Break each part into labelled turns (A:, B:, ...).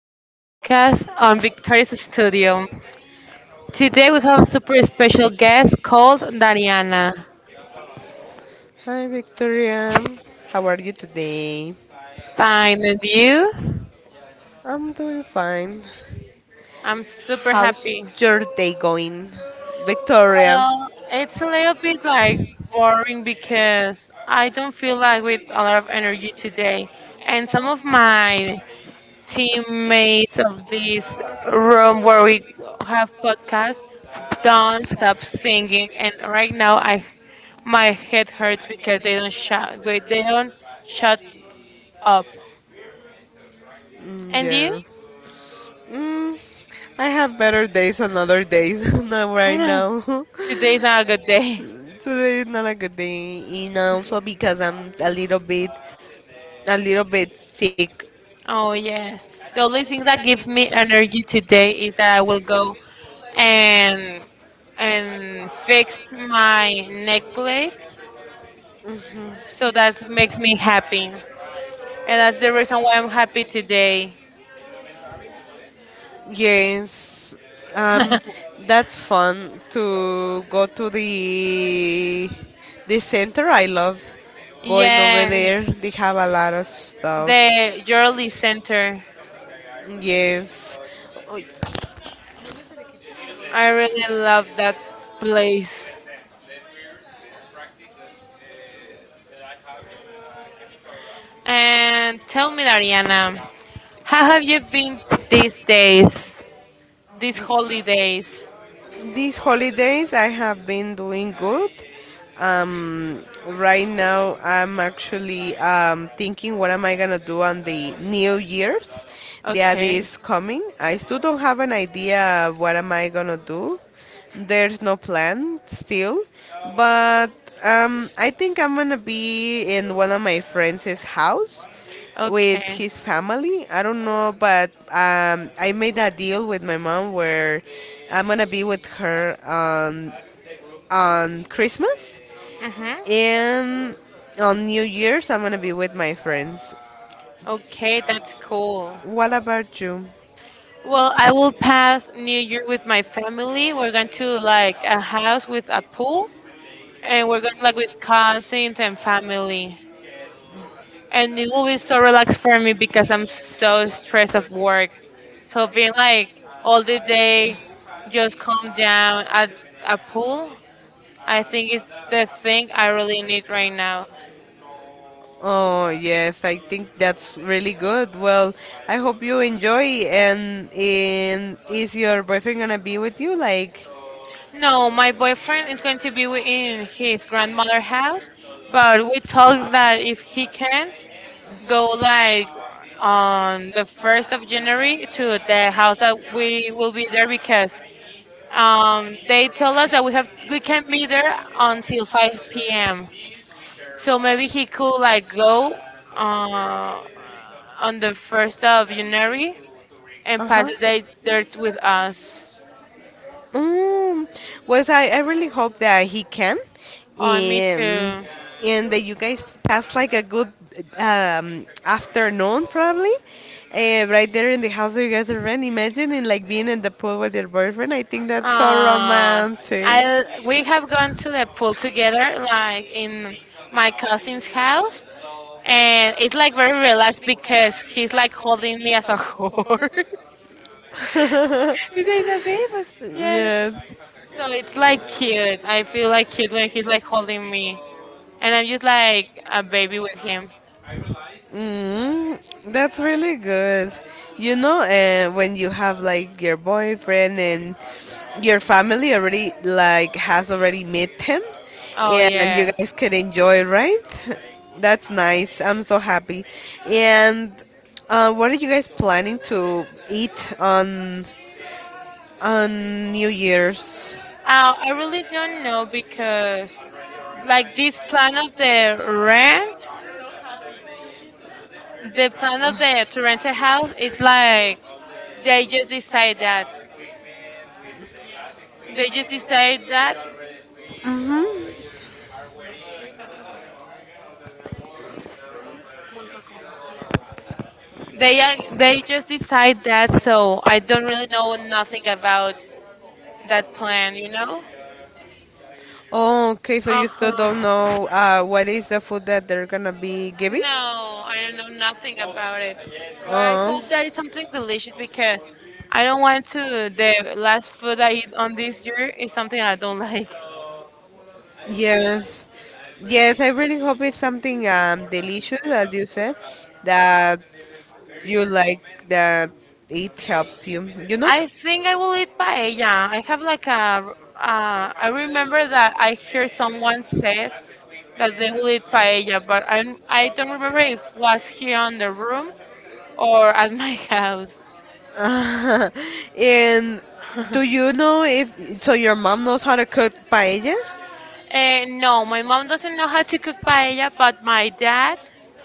A: new podcast on Victoria's Studio. Today we have a super special guest called Dariana.
B: Hi Victoria, how are you today?
A: Fine, and you?
B: I'm doing fine.
A: I'm super
B: How's
A: happy.
B: your day going, Victoria?
A: Well, it's a little bit like boring because I don't feel like with a lot of energy today, and some of my teammates of this room where we have podcasts don't stop singing and right now I my head hurts because they don't shout wait they don't shut up
B: Mm,
A: and you
B: yeah. Mm, I have better days on other days, not right
A: Mm,
B: now.
A: today's not a good day.
B: Today is not a good day, and also because I'm a little bit sick.
A: Oh yes, the only thing that gives me energy today is that I will go and and fix my necklace, so that makes me happy, and that's the reason why I'm happy today.
B: Yes, um, that's fun to go to the center. I love going over
A: Yes,
B: there. They have a lot of stuff.
A: the Yearly Center.
B: Yes.
A: I really love that place. And tell me, Ariana, how have you been these days, these holidays?
B: These holidays, I have been doing good. Um, right now, I'm actually thinking what am I gonna do on the New Year's that
A: Okay,
B: is coming. I still don't have an idea what am I gonna do. There's no plan still, but I think I'm gonna be in one of my friends' house with
A: okay,
B: his family. I don't know, but I made a deal with my mom where I'm gonna be with her on Christmas
A: mm-hmm.
B: and on New Year's. I'm gonna be with my friends.
A: Okay, that's cool.
B: What about you?
A: Well, I will pass New Year with my family. We're going to like a house with a pool, and we're going like with cousins and family. And it will be so relaxed for me because I'm so stressed of work. So being like all the day, just calm down at a pool, I think is the thing I really need right now.
B: Oh yes, I think that's really good. Well, I hope you enjoy. And is your boyfriend gonna be with you? Like,
A: No, my boyfriend is going to be in his grandmother house, but we talked that if he can go like on the 1st of January to the house that we will be there because they told us that we can be there until 5 p.m. So maybe he could like go uh, on the 1st of January and
B: uh
A: pass
B: huh.
A: the day there with us.
B: Mm, I really hope that he can,
A: Oh, me
B: and
A: too.
B: and that you guys pass like a good afternoon probably, right there in the house that you guys are in. Imagine in like being in the pool with your boyfriend. I think that's so
A: Uh,
B: romantic.
A: I we have gone to the pool together, like in my cousin's house, and it's like very relaxed because he's like holding me as a whore. He says así, pues, yeah.
B: yes.
A: So it's like cute. I feel like cute when he's like holding me, and I'm just like a baby with him.
B: Mm, that's really good. You know, when you have like your boyfriend and your family already like has already met him,
A: Oh
B: and you
A: yes.
B: guys can enjoy, right? That's nice. I'm so happy. And what are you guys planning to eat on New Year's?
A: I really don't know because like this plan of the rent, the plan of the to rent a house, it's like they just decide that. They just decide that.
B: Mm-hmm.
A: They just decide that. So I don't really know nothing about that plan. You know.
B: Oh, okay. So
A: Uh
B: you still don't
A: huh.
B: know what is the food that they're gonna be giving?
A: No, I don't know nothing about it. But I
B: Oh.
A: hope that it's something delicious because I don't want to. The last food I eat on this year is something I don't like.
B: Like. Yes. Yes, I really hope it's something delicious, as you said, that you like that it helps you, you know.
A: I think I will eat paella. I have like a. I remember that I hear someone says that they will eat paella, but I don't remember if it was here on the room or at my house.
B: And do you know if so your mom knows how to cook paella?
A: No, my mom doesn't know how to cook paella, but my dad,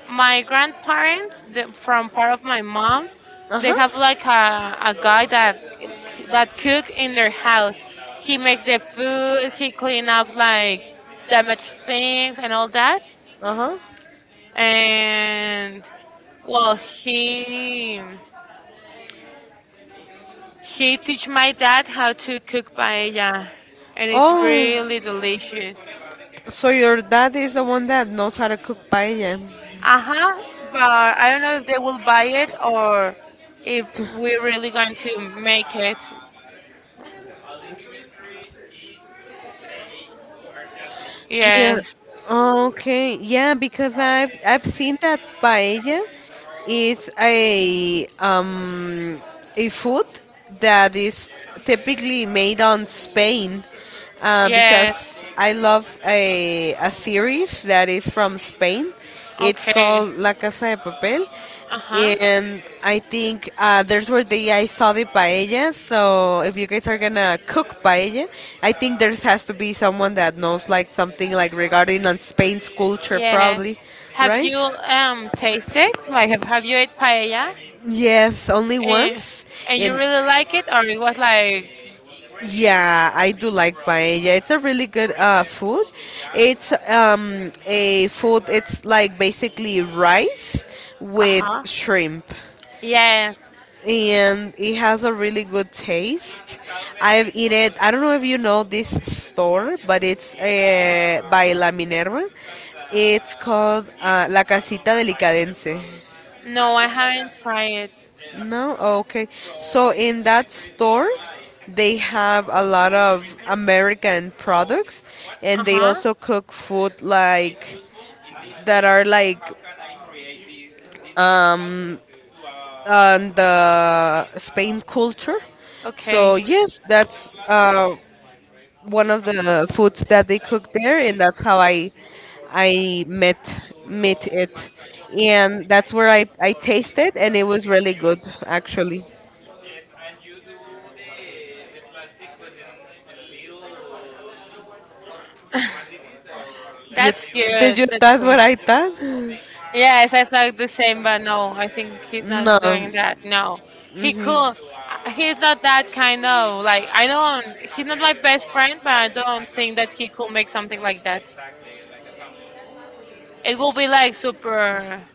A: my grandparents, the, from part of my mom,
B: Uh
A: they
B: huh.
A: have like a guy that cook in their house. He makes the food, he clean up like damaged things and all that.
B: Uh huh.
A: And well, he teach my dad how to cook paella, and it's
B: Oh,
A: really delicious.
B: so your dad is the one that knows how to cook paella.
A: Uh-huh, but I don't know if they will buy it or if we're really going to make it.
B: Yeah.
A: Yes,
B: Okay. Yeah, because I've seen that paella is a food that is typically made on Spain.
A: yes.
B: Because I love a series that is from Spain, it's
A: Okay.
B: called La Casa de Papel.
A: Uh-huh.
B: And I think there's where the I saw the paella. So if you guys are gonna cook paella, I think there has to be someone that knows like something like regarding on Spain's culture,
A: Yes.
B: probably,
A: Have
B: right?
A: you tasted? Have you ate paella?
B: Yes, only
A: And
B: once.
A: and you
B: And
A: really like it or it was like
B: yeah, I do like paella. It's a really good food. It's a food, it's like basically rice with
A: uh-huh.
B: shrimp.
A: Yes.
B: And it has a really good taste. I've eaten it, I don't know if you know this store, but it's by La Minerva. It's called La Casita Delicadense.
A: No, I haven't tried it.
B: No? Oh, okay. So in that store, they have a lot of American products, and they
A: Uh-huh.
B: also cook food like that are like on the Spain culture. So
A: Okay.
B: yes, that's one of the foods that they cook there, and that's how I met it. And that's where I tasted, and it was really good actually. You,
A: That's
B: did
A: good.
B: you
A: That's
B: taste what
A: good.
B: I thought?
A: Yes, I thought the same, but no, I think he's
B: No,
A: not doing that. No, he could. He's not that kind of like I don't. He's not my best friend, but I don't think that he could make something like that. It will be like super,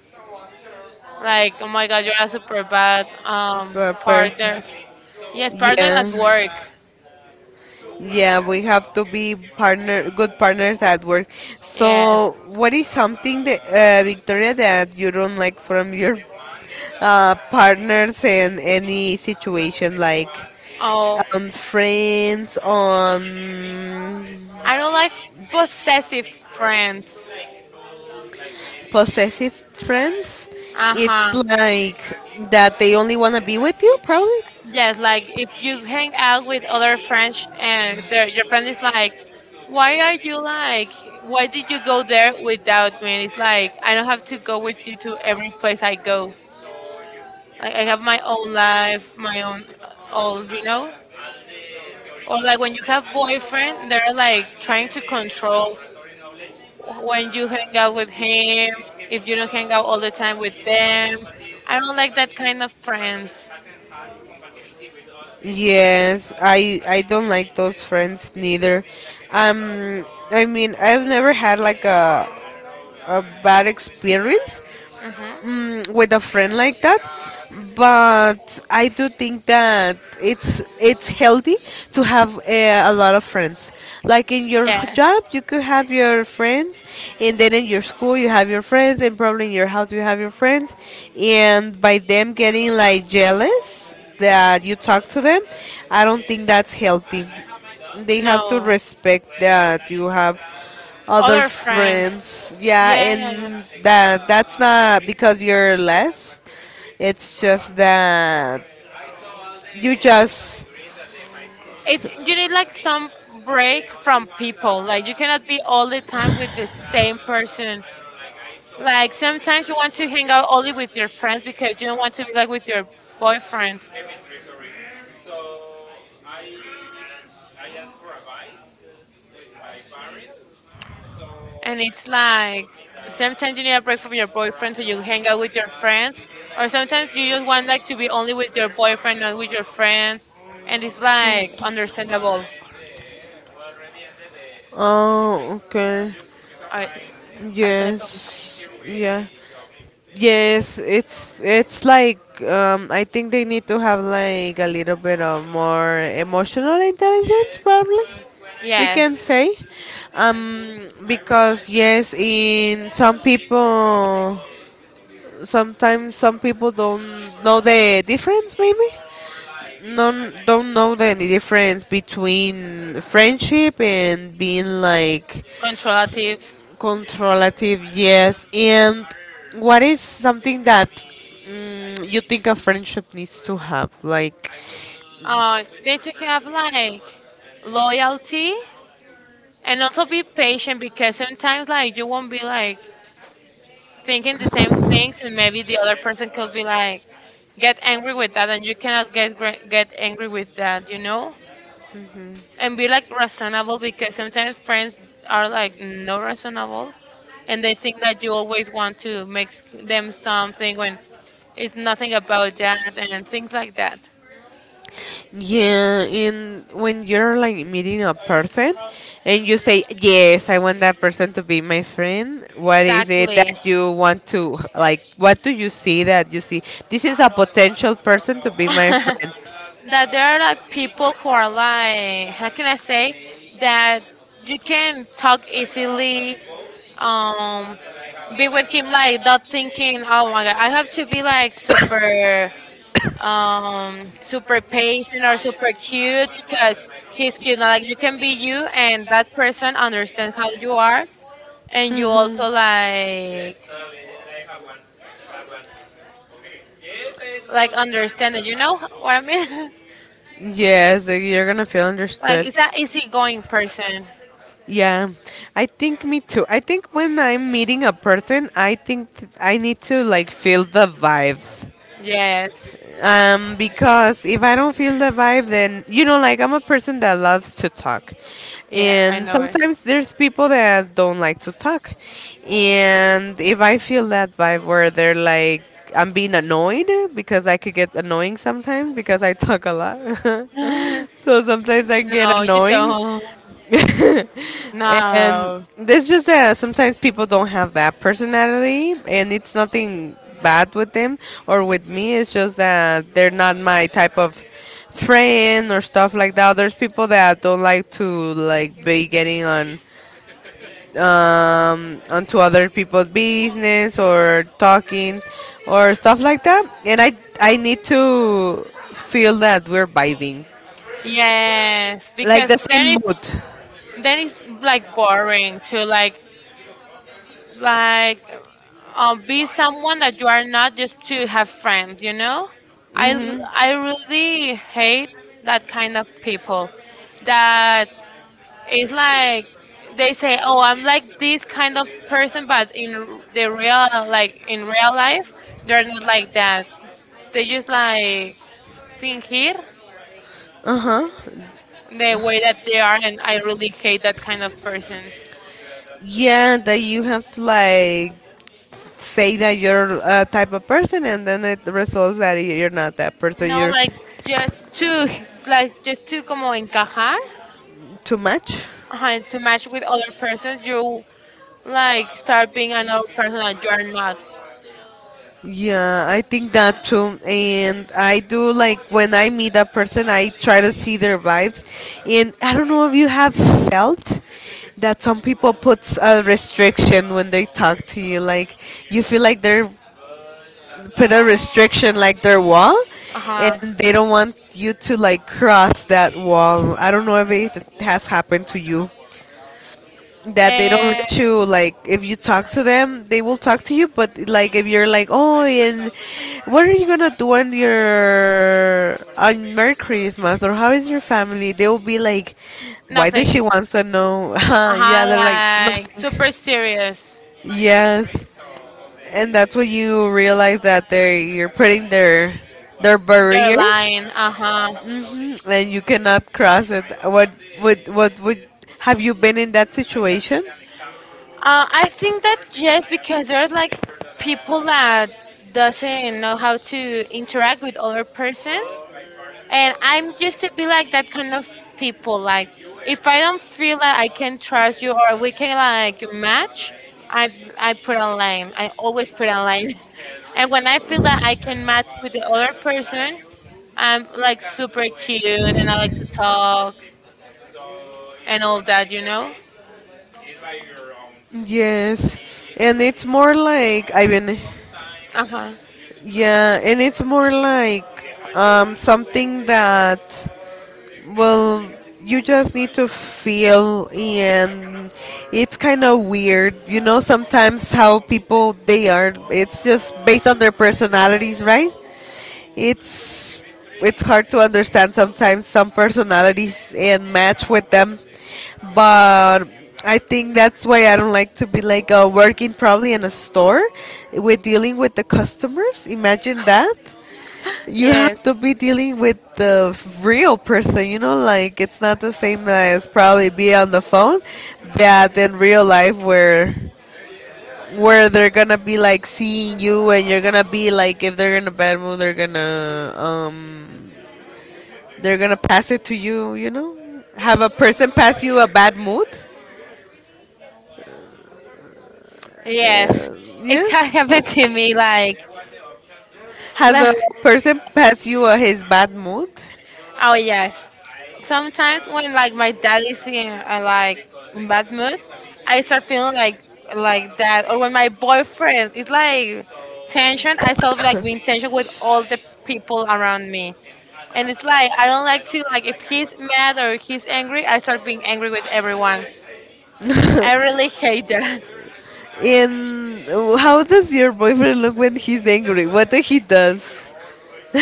A: like oh my god, you're a super bad
B: per person.
A: partner. Yes, partner at
B: Yeah,
A: work.
B: yeah, we have to be partner, good partners at work.
A: Yes.
B: So, what is something that Victoria, that you don't like from your partners in any situation, like
A: Oh,
B: on friends, on
A: I don't like possessive friends.
B: possessive friends?
A: Uh
B: It's
A: huh.
B: like that they only want to be with you, probably.
A: Yes, like if you hang out with other friends and your friend is like, why are you like, why did you go there without me? It's like, I don't have to go with you to every place I go. Like, I have my own life, my own, all, you know? Or like when you have boyfriend, they're like trying to control when you hang out with him, if you don't hang out all the time with them. I don't like that kind of friends.
B: Yes, I don't like those friends neither. I mean, I've never had like a bad experience,
A: Hmm.
B: with a friend like that, but I do think that it's healthy to have a lot of friends, like in your
A: Yes.
B: job you could have your friends, and then in your school you have your friends, and probably in your house you have your friends. And by them getting like jealous that you talk to them, I don't think that's healthy. They have to
A: No.
B: respect that you have other
A: Other friends.
B: friends. Yeah,
A: Yes.
B: and that's not because you're less. It's just that you just
A: It you need like some break from people. Like you cannot be all the time with the same person. Like sometimes you want to hang out only with your friends because you don't want to be like with your boyfriend. And it's like sometimes you need a break from your boyfriend so you hang out with your friends, or sometimes you just want like to be only with your boyfriend, not with your friends, and it's like understandable.
B: oh okay.
A: Ahor- Ahorita le preguntamos.
B: Yes. Yeah. Yes, it's like I think they need to have like a little bit of more emotional intelligence probably. We
A: Yes,
B: can say um because yes in some people sometimes some people don't know the difference maybe non don't know the difference between friendship and being like
A: controlative.
B: controlative yes and what is something that you think a friendship needs to have like.
A: They should have like loyalty and also be patient because sometimes like you won't be like thinking the same things and maybe the other person could be like get angry with that and you cannot get angry with that, you know, and be like reasonable because sometimes friends are like no reasonable and they think that you always want to them something when it's nothing about that and things like that.
B: Yeah, and when you're like meeting a person and you say, yes, I want that person to be my friend, what is it
A: Exactly.
B: that you want to like? What do you see that you see? This is a potential person to be my friend.
A: That there are like people who are like how can I say that you can talk easily, um be with him like not thinking oh my god I have to be like super super patient or super cute because he's cute. Now, like you can be you and that person understands how you are and you also like understand it, you know what I mean?
B: Yes, like, you're gonna feel like
A: Like
B: understood.
A: it's an easygoing person.
B: Yeah, I think me too. I think when I'm meeting a person, I think I need to like feel the vibe.
A: Yes.
B: Because if I don't feel the vibe then you know like I'm a person that loves to talk,
A: Yeah, I
B: and
A: know it.
B: sometimes there's people that don't like to talk. And if I feel that vibe where they're like I'm being annoyed, because I could get annoying sometimes because I talk a lot. So sometimes I get
A: No, you
B: annoying.
A: don't.
B: And
A: No.
B: it's just that sometimes people don't have that personality, and it's nothing bad with them or with me. It's just that they're not my type of friend or stuff like that. There's people that don't like to like be getting on onto other people's business or talking or stuff like that, and I need to feel that we're vibing,
A: Yes,
B: like
A: because
B: the same mood.
A: then it's like boring to like be someone that you are not just to have friends, you know?
B: Mm-hmm.
A: I really hate that kind of people that is like they say, "Oh, I'm like this kind of person," but the real like in real life, they're not like that. They just like fingir
B: Uh-huh.
A: the way that they are, and I really hate that kind of persons.
B: Yeah, that you have to like say that you're a type of person, and then it results that you're not that person.
A: No,
B: You're
A: just to like just to como encajar,
B: too much.
A: ajá, to match with other persons, you like start being another person that you are not.
B: Yeah, I think that too. And I do like when I meet that person, I try to see their vibes. And I don't know if you have felt that some people put a restriction when they talk to you. Like you feel like they're put a restriction like their wall,
A: Uh-huh.
B: and they don't want you to like cross that wall. I don't know if it has happened to you that they don't
A: Eh,
B: let you, like if you talk to them they will talk to you, but like if you're like oh and what are you gonna do on your on merry christmas, or how is your family, they will be like why does
A: nothing.
B: she wants to know. Yeah,
A: Uh-huh,
B: they're like
A: like
B: nothing.
A: super serious.
B: Yes, and that's when you realize that they you're putting their
A: They're
B: barrier
A: lying. Uh-huh.
B: and you cannot cross it. What would have you been in that situation?
A: I think that just because there's like people that doesn't know how to interact with other persons. And I'm just to be like that kind of people. Like if I don't feel that I can trust you or we can like match, I I put online. I always put online. And when I feel that I can match with the other person, I'm like super cute and I like to talk and all that, you know?
B: Yes, and it's more like I mean,
A: Uh huh.
B: yeah, and it's more like something that well, you just need to feel, and it's kind of weird, you know. Sometimes how people they are, it's just based on their personalities, right? It's it's hard to understand sometimes some personalities and match with them, but I think that's why I don't like to be like working probably in a store with dealing with the customers. Imagine that. You have
A: Yes.
B: to be dealing with the real person, you know, like it's not the same as probably be on the phone that in real life, where they're gonna be like seeing you, and you're gonna be like if they're in a bad mood, they're gonna pass it to you, you know. Have a person pass you a bad mood?
A: Yes.
B: uh,
A: It can
B: yes.
A: happen to me like
B: Has a person pass you his bad mood?
A: oh yes. Sometimes when like my dad is in like in bad mood, I start feeling like that. Or when my boyfriend is like tension, I start like being tension with all the people around me. And it's like I don't like to like if he's mad or he's angry, I start being angry with everyone. I really hate that.
B: In how does your boyfriend look when he's angry, what that he does?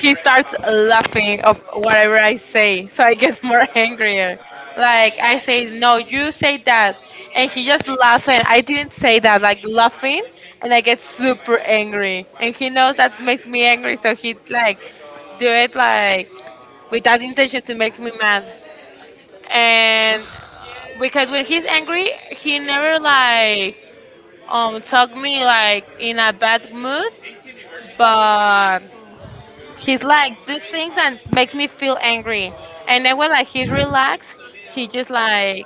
A: He starts laughing of whatever I say, so I get more angrier. Like I say, no, you say that, and he just laughs, and I didn't say that, like laughing, and I get super angry. And he knows that makes me angry, so he like do it like with that intention to make me mad. And because when he's angry, he never like talk me like in a bad mood, but he's like do things that makes me feel angry, and then when like he's relaxed, he just like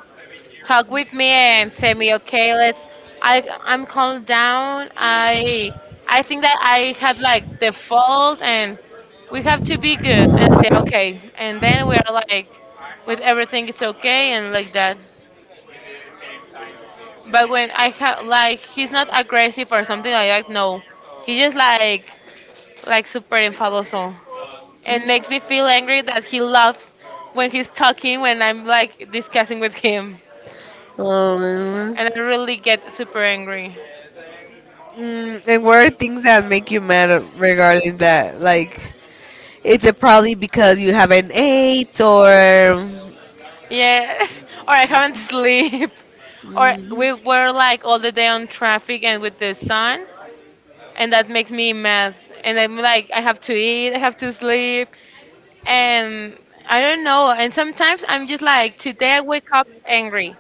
A: talk with me and say me, okay, let's. I'm calmed down. I think that I had like the fault, and we have to be good. And I say okay, and then we are like with everything it's okay and like that. But when I have like he's not aggressive or something like that. No, he's just like super enfadoso. And makes me feel angry that he laughs when he's talking when I'm like discussing with him.
B: um,
A: And I really get super angry.
B: Mm, and what are things that make you mad regarding that? Like, it's probably because you haven't ate or.
A: Yes, or I haven't sleep. Or
B: Mm.
A: we were like all the day on traffic and with the sun, and that makes me mad. And I'm like, I have to eat, I have to sleep, and I don't know. And sometimes I'm just like, today I wake up angry.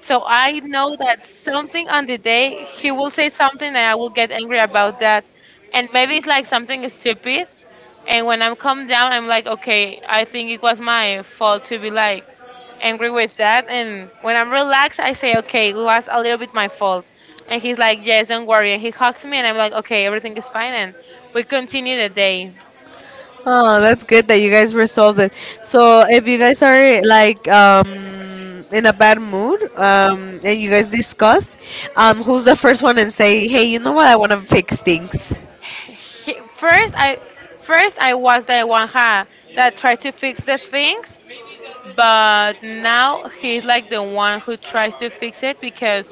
A: So I know that something on the day he will say something and I will get angry about that. And maybe it's like something stupid. And when I'm calmed down, I'm like, okay, I think it was my fault to be like angry with that. And when I'm relaxed, I say, okay, it was a little bit my fault. And he's like, yes, don't worry. And he hugs me and I'm like, okay, everything is fine. And we continue the day.
B: Oh, that's good that you guys resolved it. So, if you guys are like in a bad mood and you guys discussed, who's the first one and say, "Hey, you know what? I want to fix things."
A: He, first I was the one ha that tried to fix the things, but now he's like the one who tries to fix it because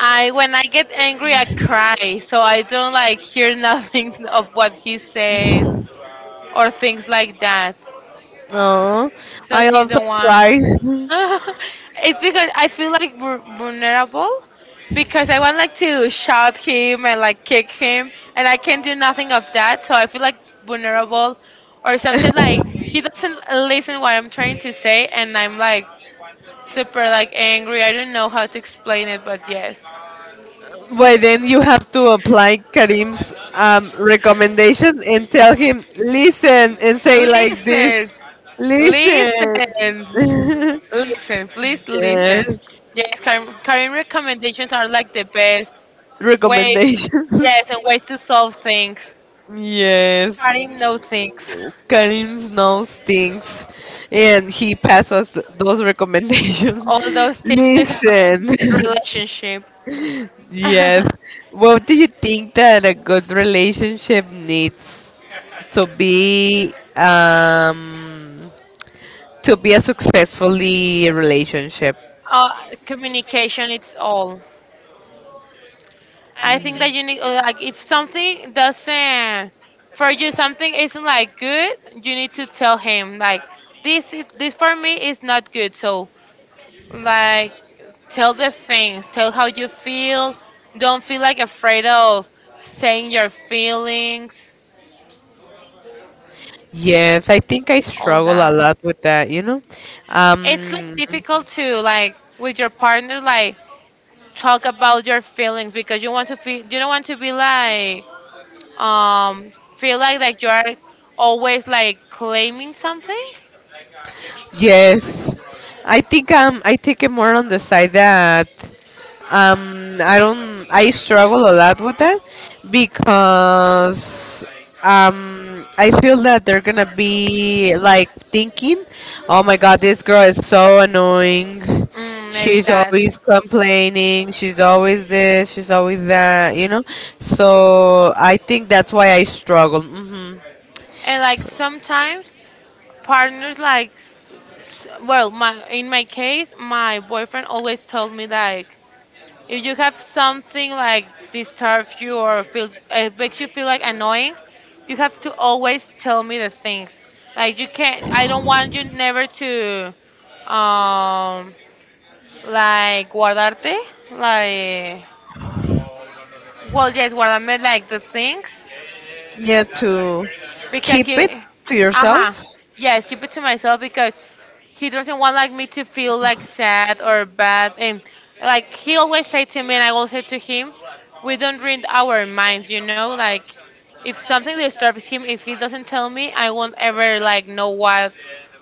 A: I, when I get angry I cry, so I don't like hear nothing of what he says or things like that.
B: Oh,
A: So
B: I
A: he's
B: also
A: the one.
B: cried.
A: It's because I feel like vulnerable because I want like to shout him and like kick him and I can not do nothing of that. So I feel like vulnerable or something, like he doesn't listen what I'm trying to say and I'm like super like angry. I don't know how to explain it, but yes.
B: Well, then you have to apply Karim's recommendation and tell him, listen, and say like
A: Listen,
B: this, listen.
A: listen, listen, please listen.
B: yes,
A: Yes, Karen, Karen recommendations are like the best. Wait,
B: recommendation.
A: yes, and ways to solve things.
B: yes,
A: How didn't know things.
B: Karim knows things, and he passes those recommendations.
A: All those tips to have a
B: listen.
A: good relationship.
B: Yes.
A: uh,
B: What do you think that a good relationship needs to be um to be a successfully relationship?
A: Communication, it's all. I think that you need, like, if something doesn't, for you, something isn't like good, you need to tell him, like, this is, this for me is not good. So, like, tell the things, tell how you feel. Don't feel like afraid of saying your feelings,
B: Yes, I think I
A: all
B: struggle a
A: that.
B: lot with that, you know.
A: It's like
B: Um,
A: difficult to like with your partner like talk about your feelings because you want to feel you don't want to be like um feel like you are always like claiming something.
B: yes, I think I take it more on the side that I don't I struggle a lot with that because I feel that they're gonna be like thinking, oh my god, this girl is so annoying.
A: Maybe
B: She's
A: that.
B: always complaining. She's always this. She's always that. You know. So I think that's why I struggle. Hmm.
A: And like sometimes partners like well, my, in my case my boyfriend always told me like, if you have something like disturbs you or feel it makes you feel like annoying, you have to always tell me the things. Like you can't. I don't want you never to, um, like, guardarte, like. Well, yes, guardame like the things
B: Yeah, to
A: because
B: keep
A: you.
B: it to
A: Uh huh.
B: yourself.
A: Yes, keep it to myself because he doesn't want like me to feel like sad or bad, and like he always say to me and I will say to him, we don't read our minds, you know, like if something disturbs him, if he doesn't tell me I won't ever like know what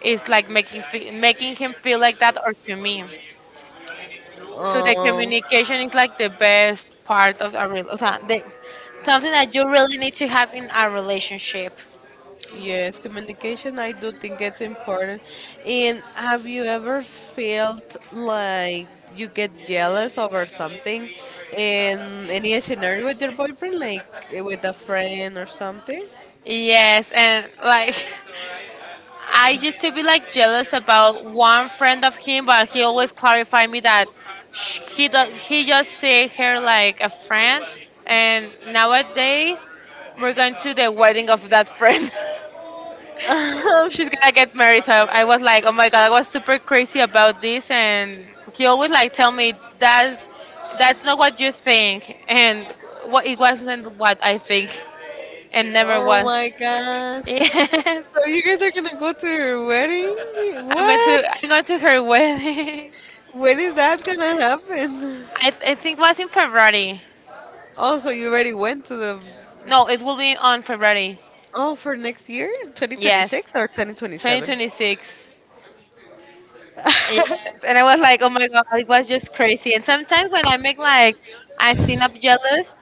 A: is like making making him feel like that or to me. So the
B: Um,
A: communication is like the best part of a real something that you really need to have in a relationship.
B: yes, communication, I do think it's important. And have you ever felt like you get jealous over something in any scenario with your boyfriend, like with a friend or something?
A: Yes, and like I used to be like jealous about one friend of him, but he always clarified me that he just see her like a friend, and nowadays we're going to the wedding of that friend. She's gonna get married, so I was like, oh my god, I was super crazy about this, and he always like tell me that's that's not what you think, and what it wasn't what I think, and never
B: Oh
A: was.
B: my god.
A: Yes.
B: So you guys are gonna go to your wedding?
A: I'm going to I'm
B: What?
A: going to her wedding.
B: When is that gonna happen?
A: I think was in February.
B: Also, you already went to the
A: No, it will be on February.
B: oh, for next year,
A: Yes,
B: 2026 or 2027?
A: 2026. Yes. And I was like, oh my god, it was just crazy. And sometimes when I make like I seem up jealous,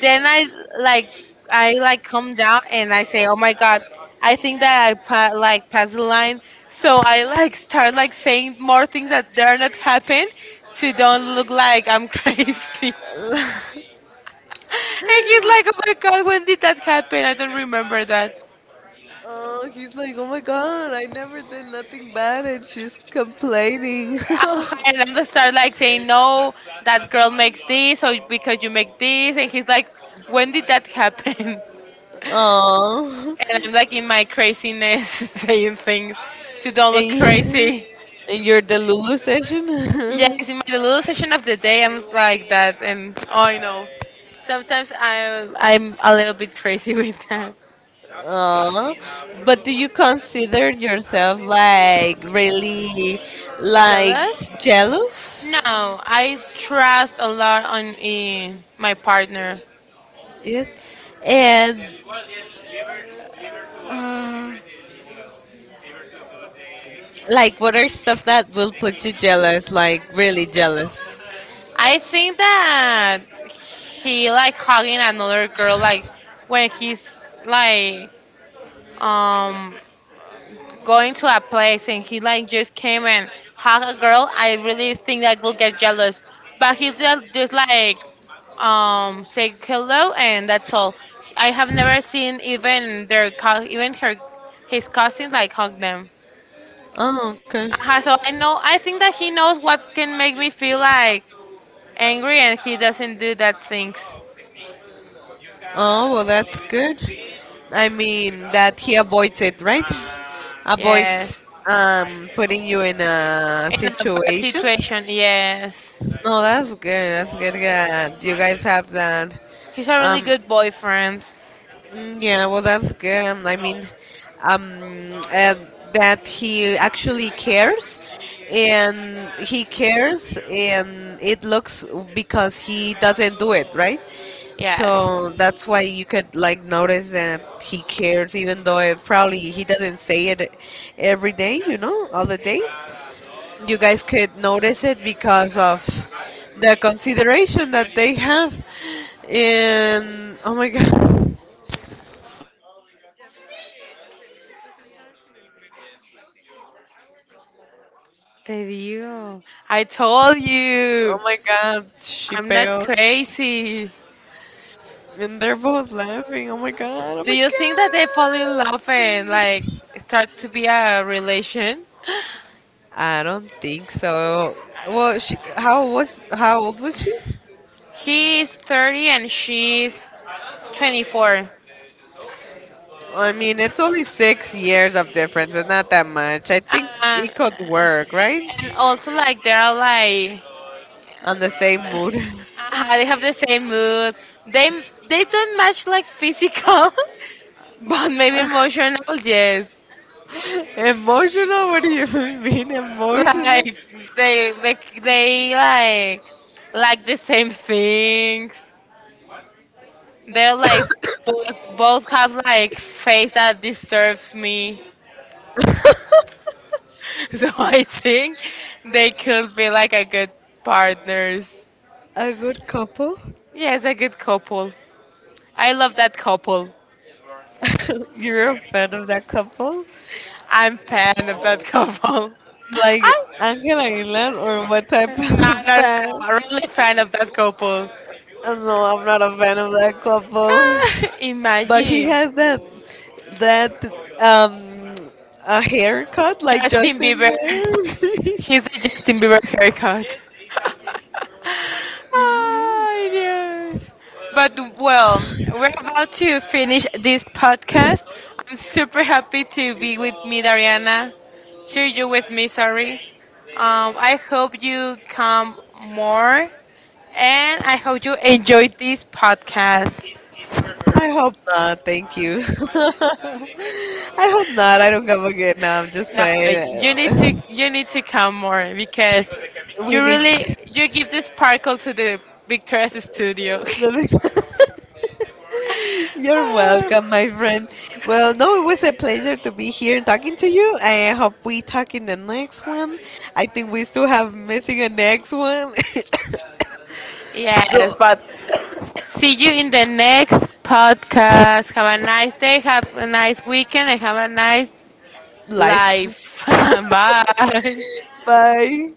A: then like I like calm down and I say, oh my god, I think that I like passed the line. So I like start like saying more things that dare not happen to don't look like I'm crazy. And he's like, oh my god, when did that happen? I don't remember that.
B: Oh, he's like, oh my god, I never did nothing bad, and she's complaining.
A: And then they start like saying, no, that girl makes this, or because you make this. And he's like, when did that happen?
B: Oh,
A: And I'm like in my craziness saying things to don't look
B: and
A: crazy.
B: and you're the Lulu session.
A: Yes, in my little session of the day, I'm like that, and oh, I know. Sometimes I'm a little bit crazy with that.
B: Oh, but do you consider yourself like really like
A: Jealous?
B: jealous?
A: No, I trust a lot on in my partner.
B: Yes, and like what are stuff that will put you jealous, like really jealous?
A: I think that he like hugging another girl like when he's like um going to a place and he like just came and hug a girl. I really think that will get jealous, but he just like say hello and that's all. I have never seen even their co- even her his cousins like hug them.
B: Oh, okay.
A: So I know. I think that he knows what can make me feel like angry, and he doesn't do that things.
B: Oh, well, that's good. I mean, that he avoids it, right?
A: Yes.
B: Avoids putting you in a
A: In a bad
B: situation.
A: situation. Yes.
B: No, that's good. That's good. Yeah, you guys have that.
A: He's a really
B: Um,
A: good boyfriend.
B: Mm, yeah, well, that's good. I mean, um, uh, that he actually cares, and he cares, and it looks because he doesn't do it, right?
A: Yes.
B: So that's why you could like notice that he cares, even though it probably he doesn't say it every day, you know, all the day. You guys could notice it because of the consideration that they have, and oh my god.
A: Did you? I told
B: Oh
A: you.
B: my god, she
A: I'm not
B: fails,
A: crazy.
B: and they're both laughing. Oh my god, oh
A: Do
B: my
A: you think that they fall in love
B: god.
A: and like start to be a relation?
B: I don't think so. Well, she, how was how old was she?
A: He is 30 and she's 24.
B: I mean, it's only 6 years of difference. It's not that much. I think
A: Uh,
B: it could work, right?
A: and also like they are like
B: On the same mood.
A: they have the same mood. They they don't match like physical, but maybe emotional. Yes,
B: Emotional? What do you mean emotional?
A: like they they like the same things. They're like both, both have like face that disturbs me, so I think they could be like a good partners.
B: A good couple?
A: Yes, a good couple. I love that couple.
B: You're a fan of that couple?
A: I'm fan of that couple.
B: Like
A: I'm
B: Angela Aguilar or what type of
A: not, not,
B: fan?
A: not really fan of that couple.
B: No, I'm not a fan of that couple.
A: Ah,
B: But he
A: imagine.
B: has that um a haircut like
A: Justin
B: Justin
A: Bieber.
B: Bieber.
A: He's a Justin Bieber haircut.
B: Mhm.
A: Oh, yes. But well, we're about to finish this podcast. I'm super happy to be with me, Dariana. Here you with me, sorry. I hope you come more, and I hope you enjoyed this podcast.
B: I hope not. Thank you. I hope not. I don't come again. No, I'm just
A: No, you need to
B: playing.
A: you need to come more because
B: We
A: you
B: need.
A: really you give the sparkle to the Victoria's studio.
B: Let me. You're welcome, my friend. Well, no, it was a pleasure to be here and talking to you. I hope we talk in the next one. I think we still have missing a next one.
A: Yes,
B: So,
A: but see you in the next podcast. Have a nice day, have a nice weekend, and have a nice
B: life.
A: life. Bye.
B: Bye.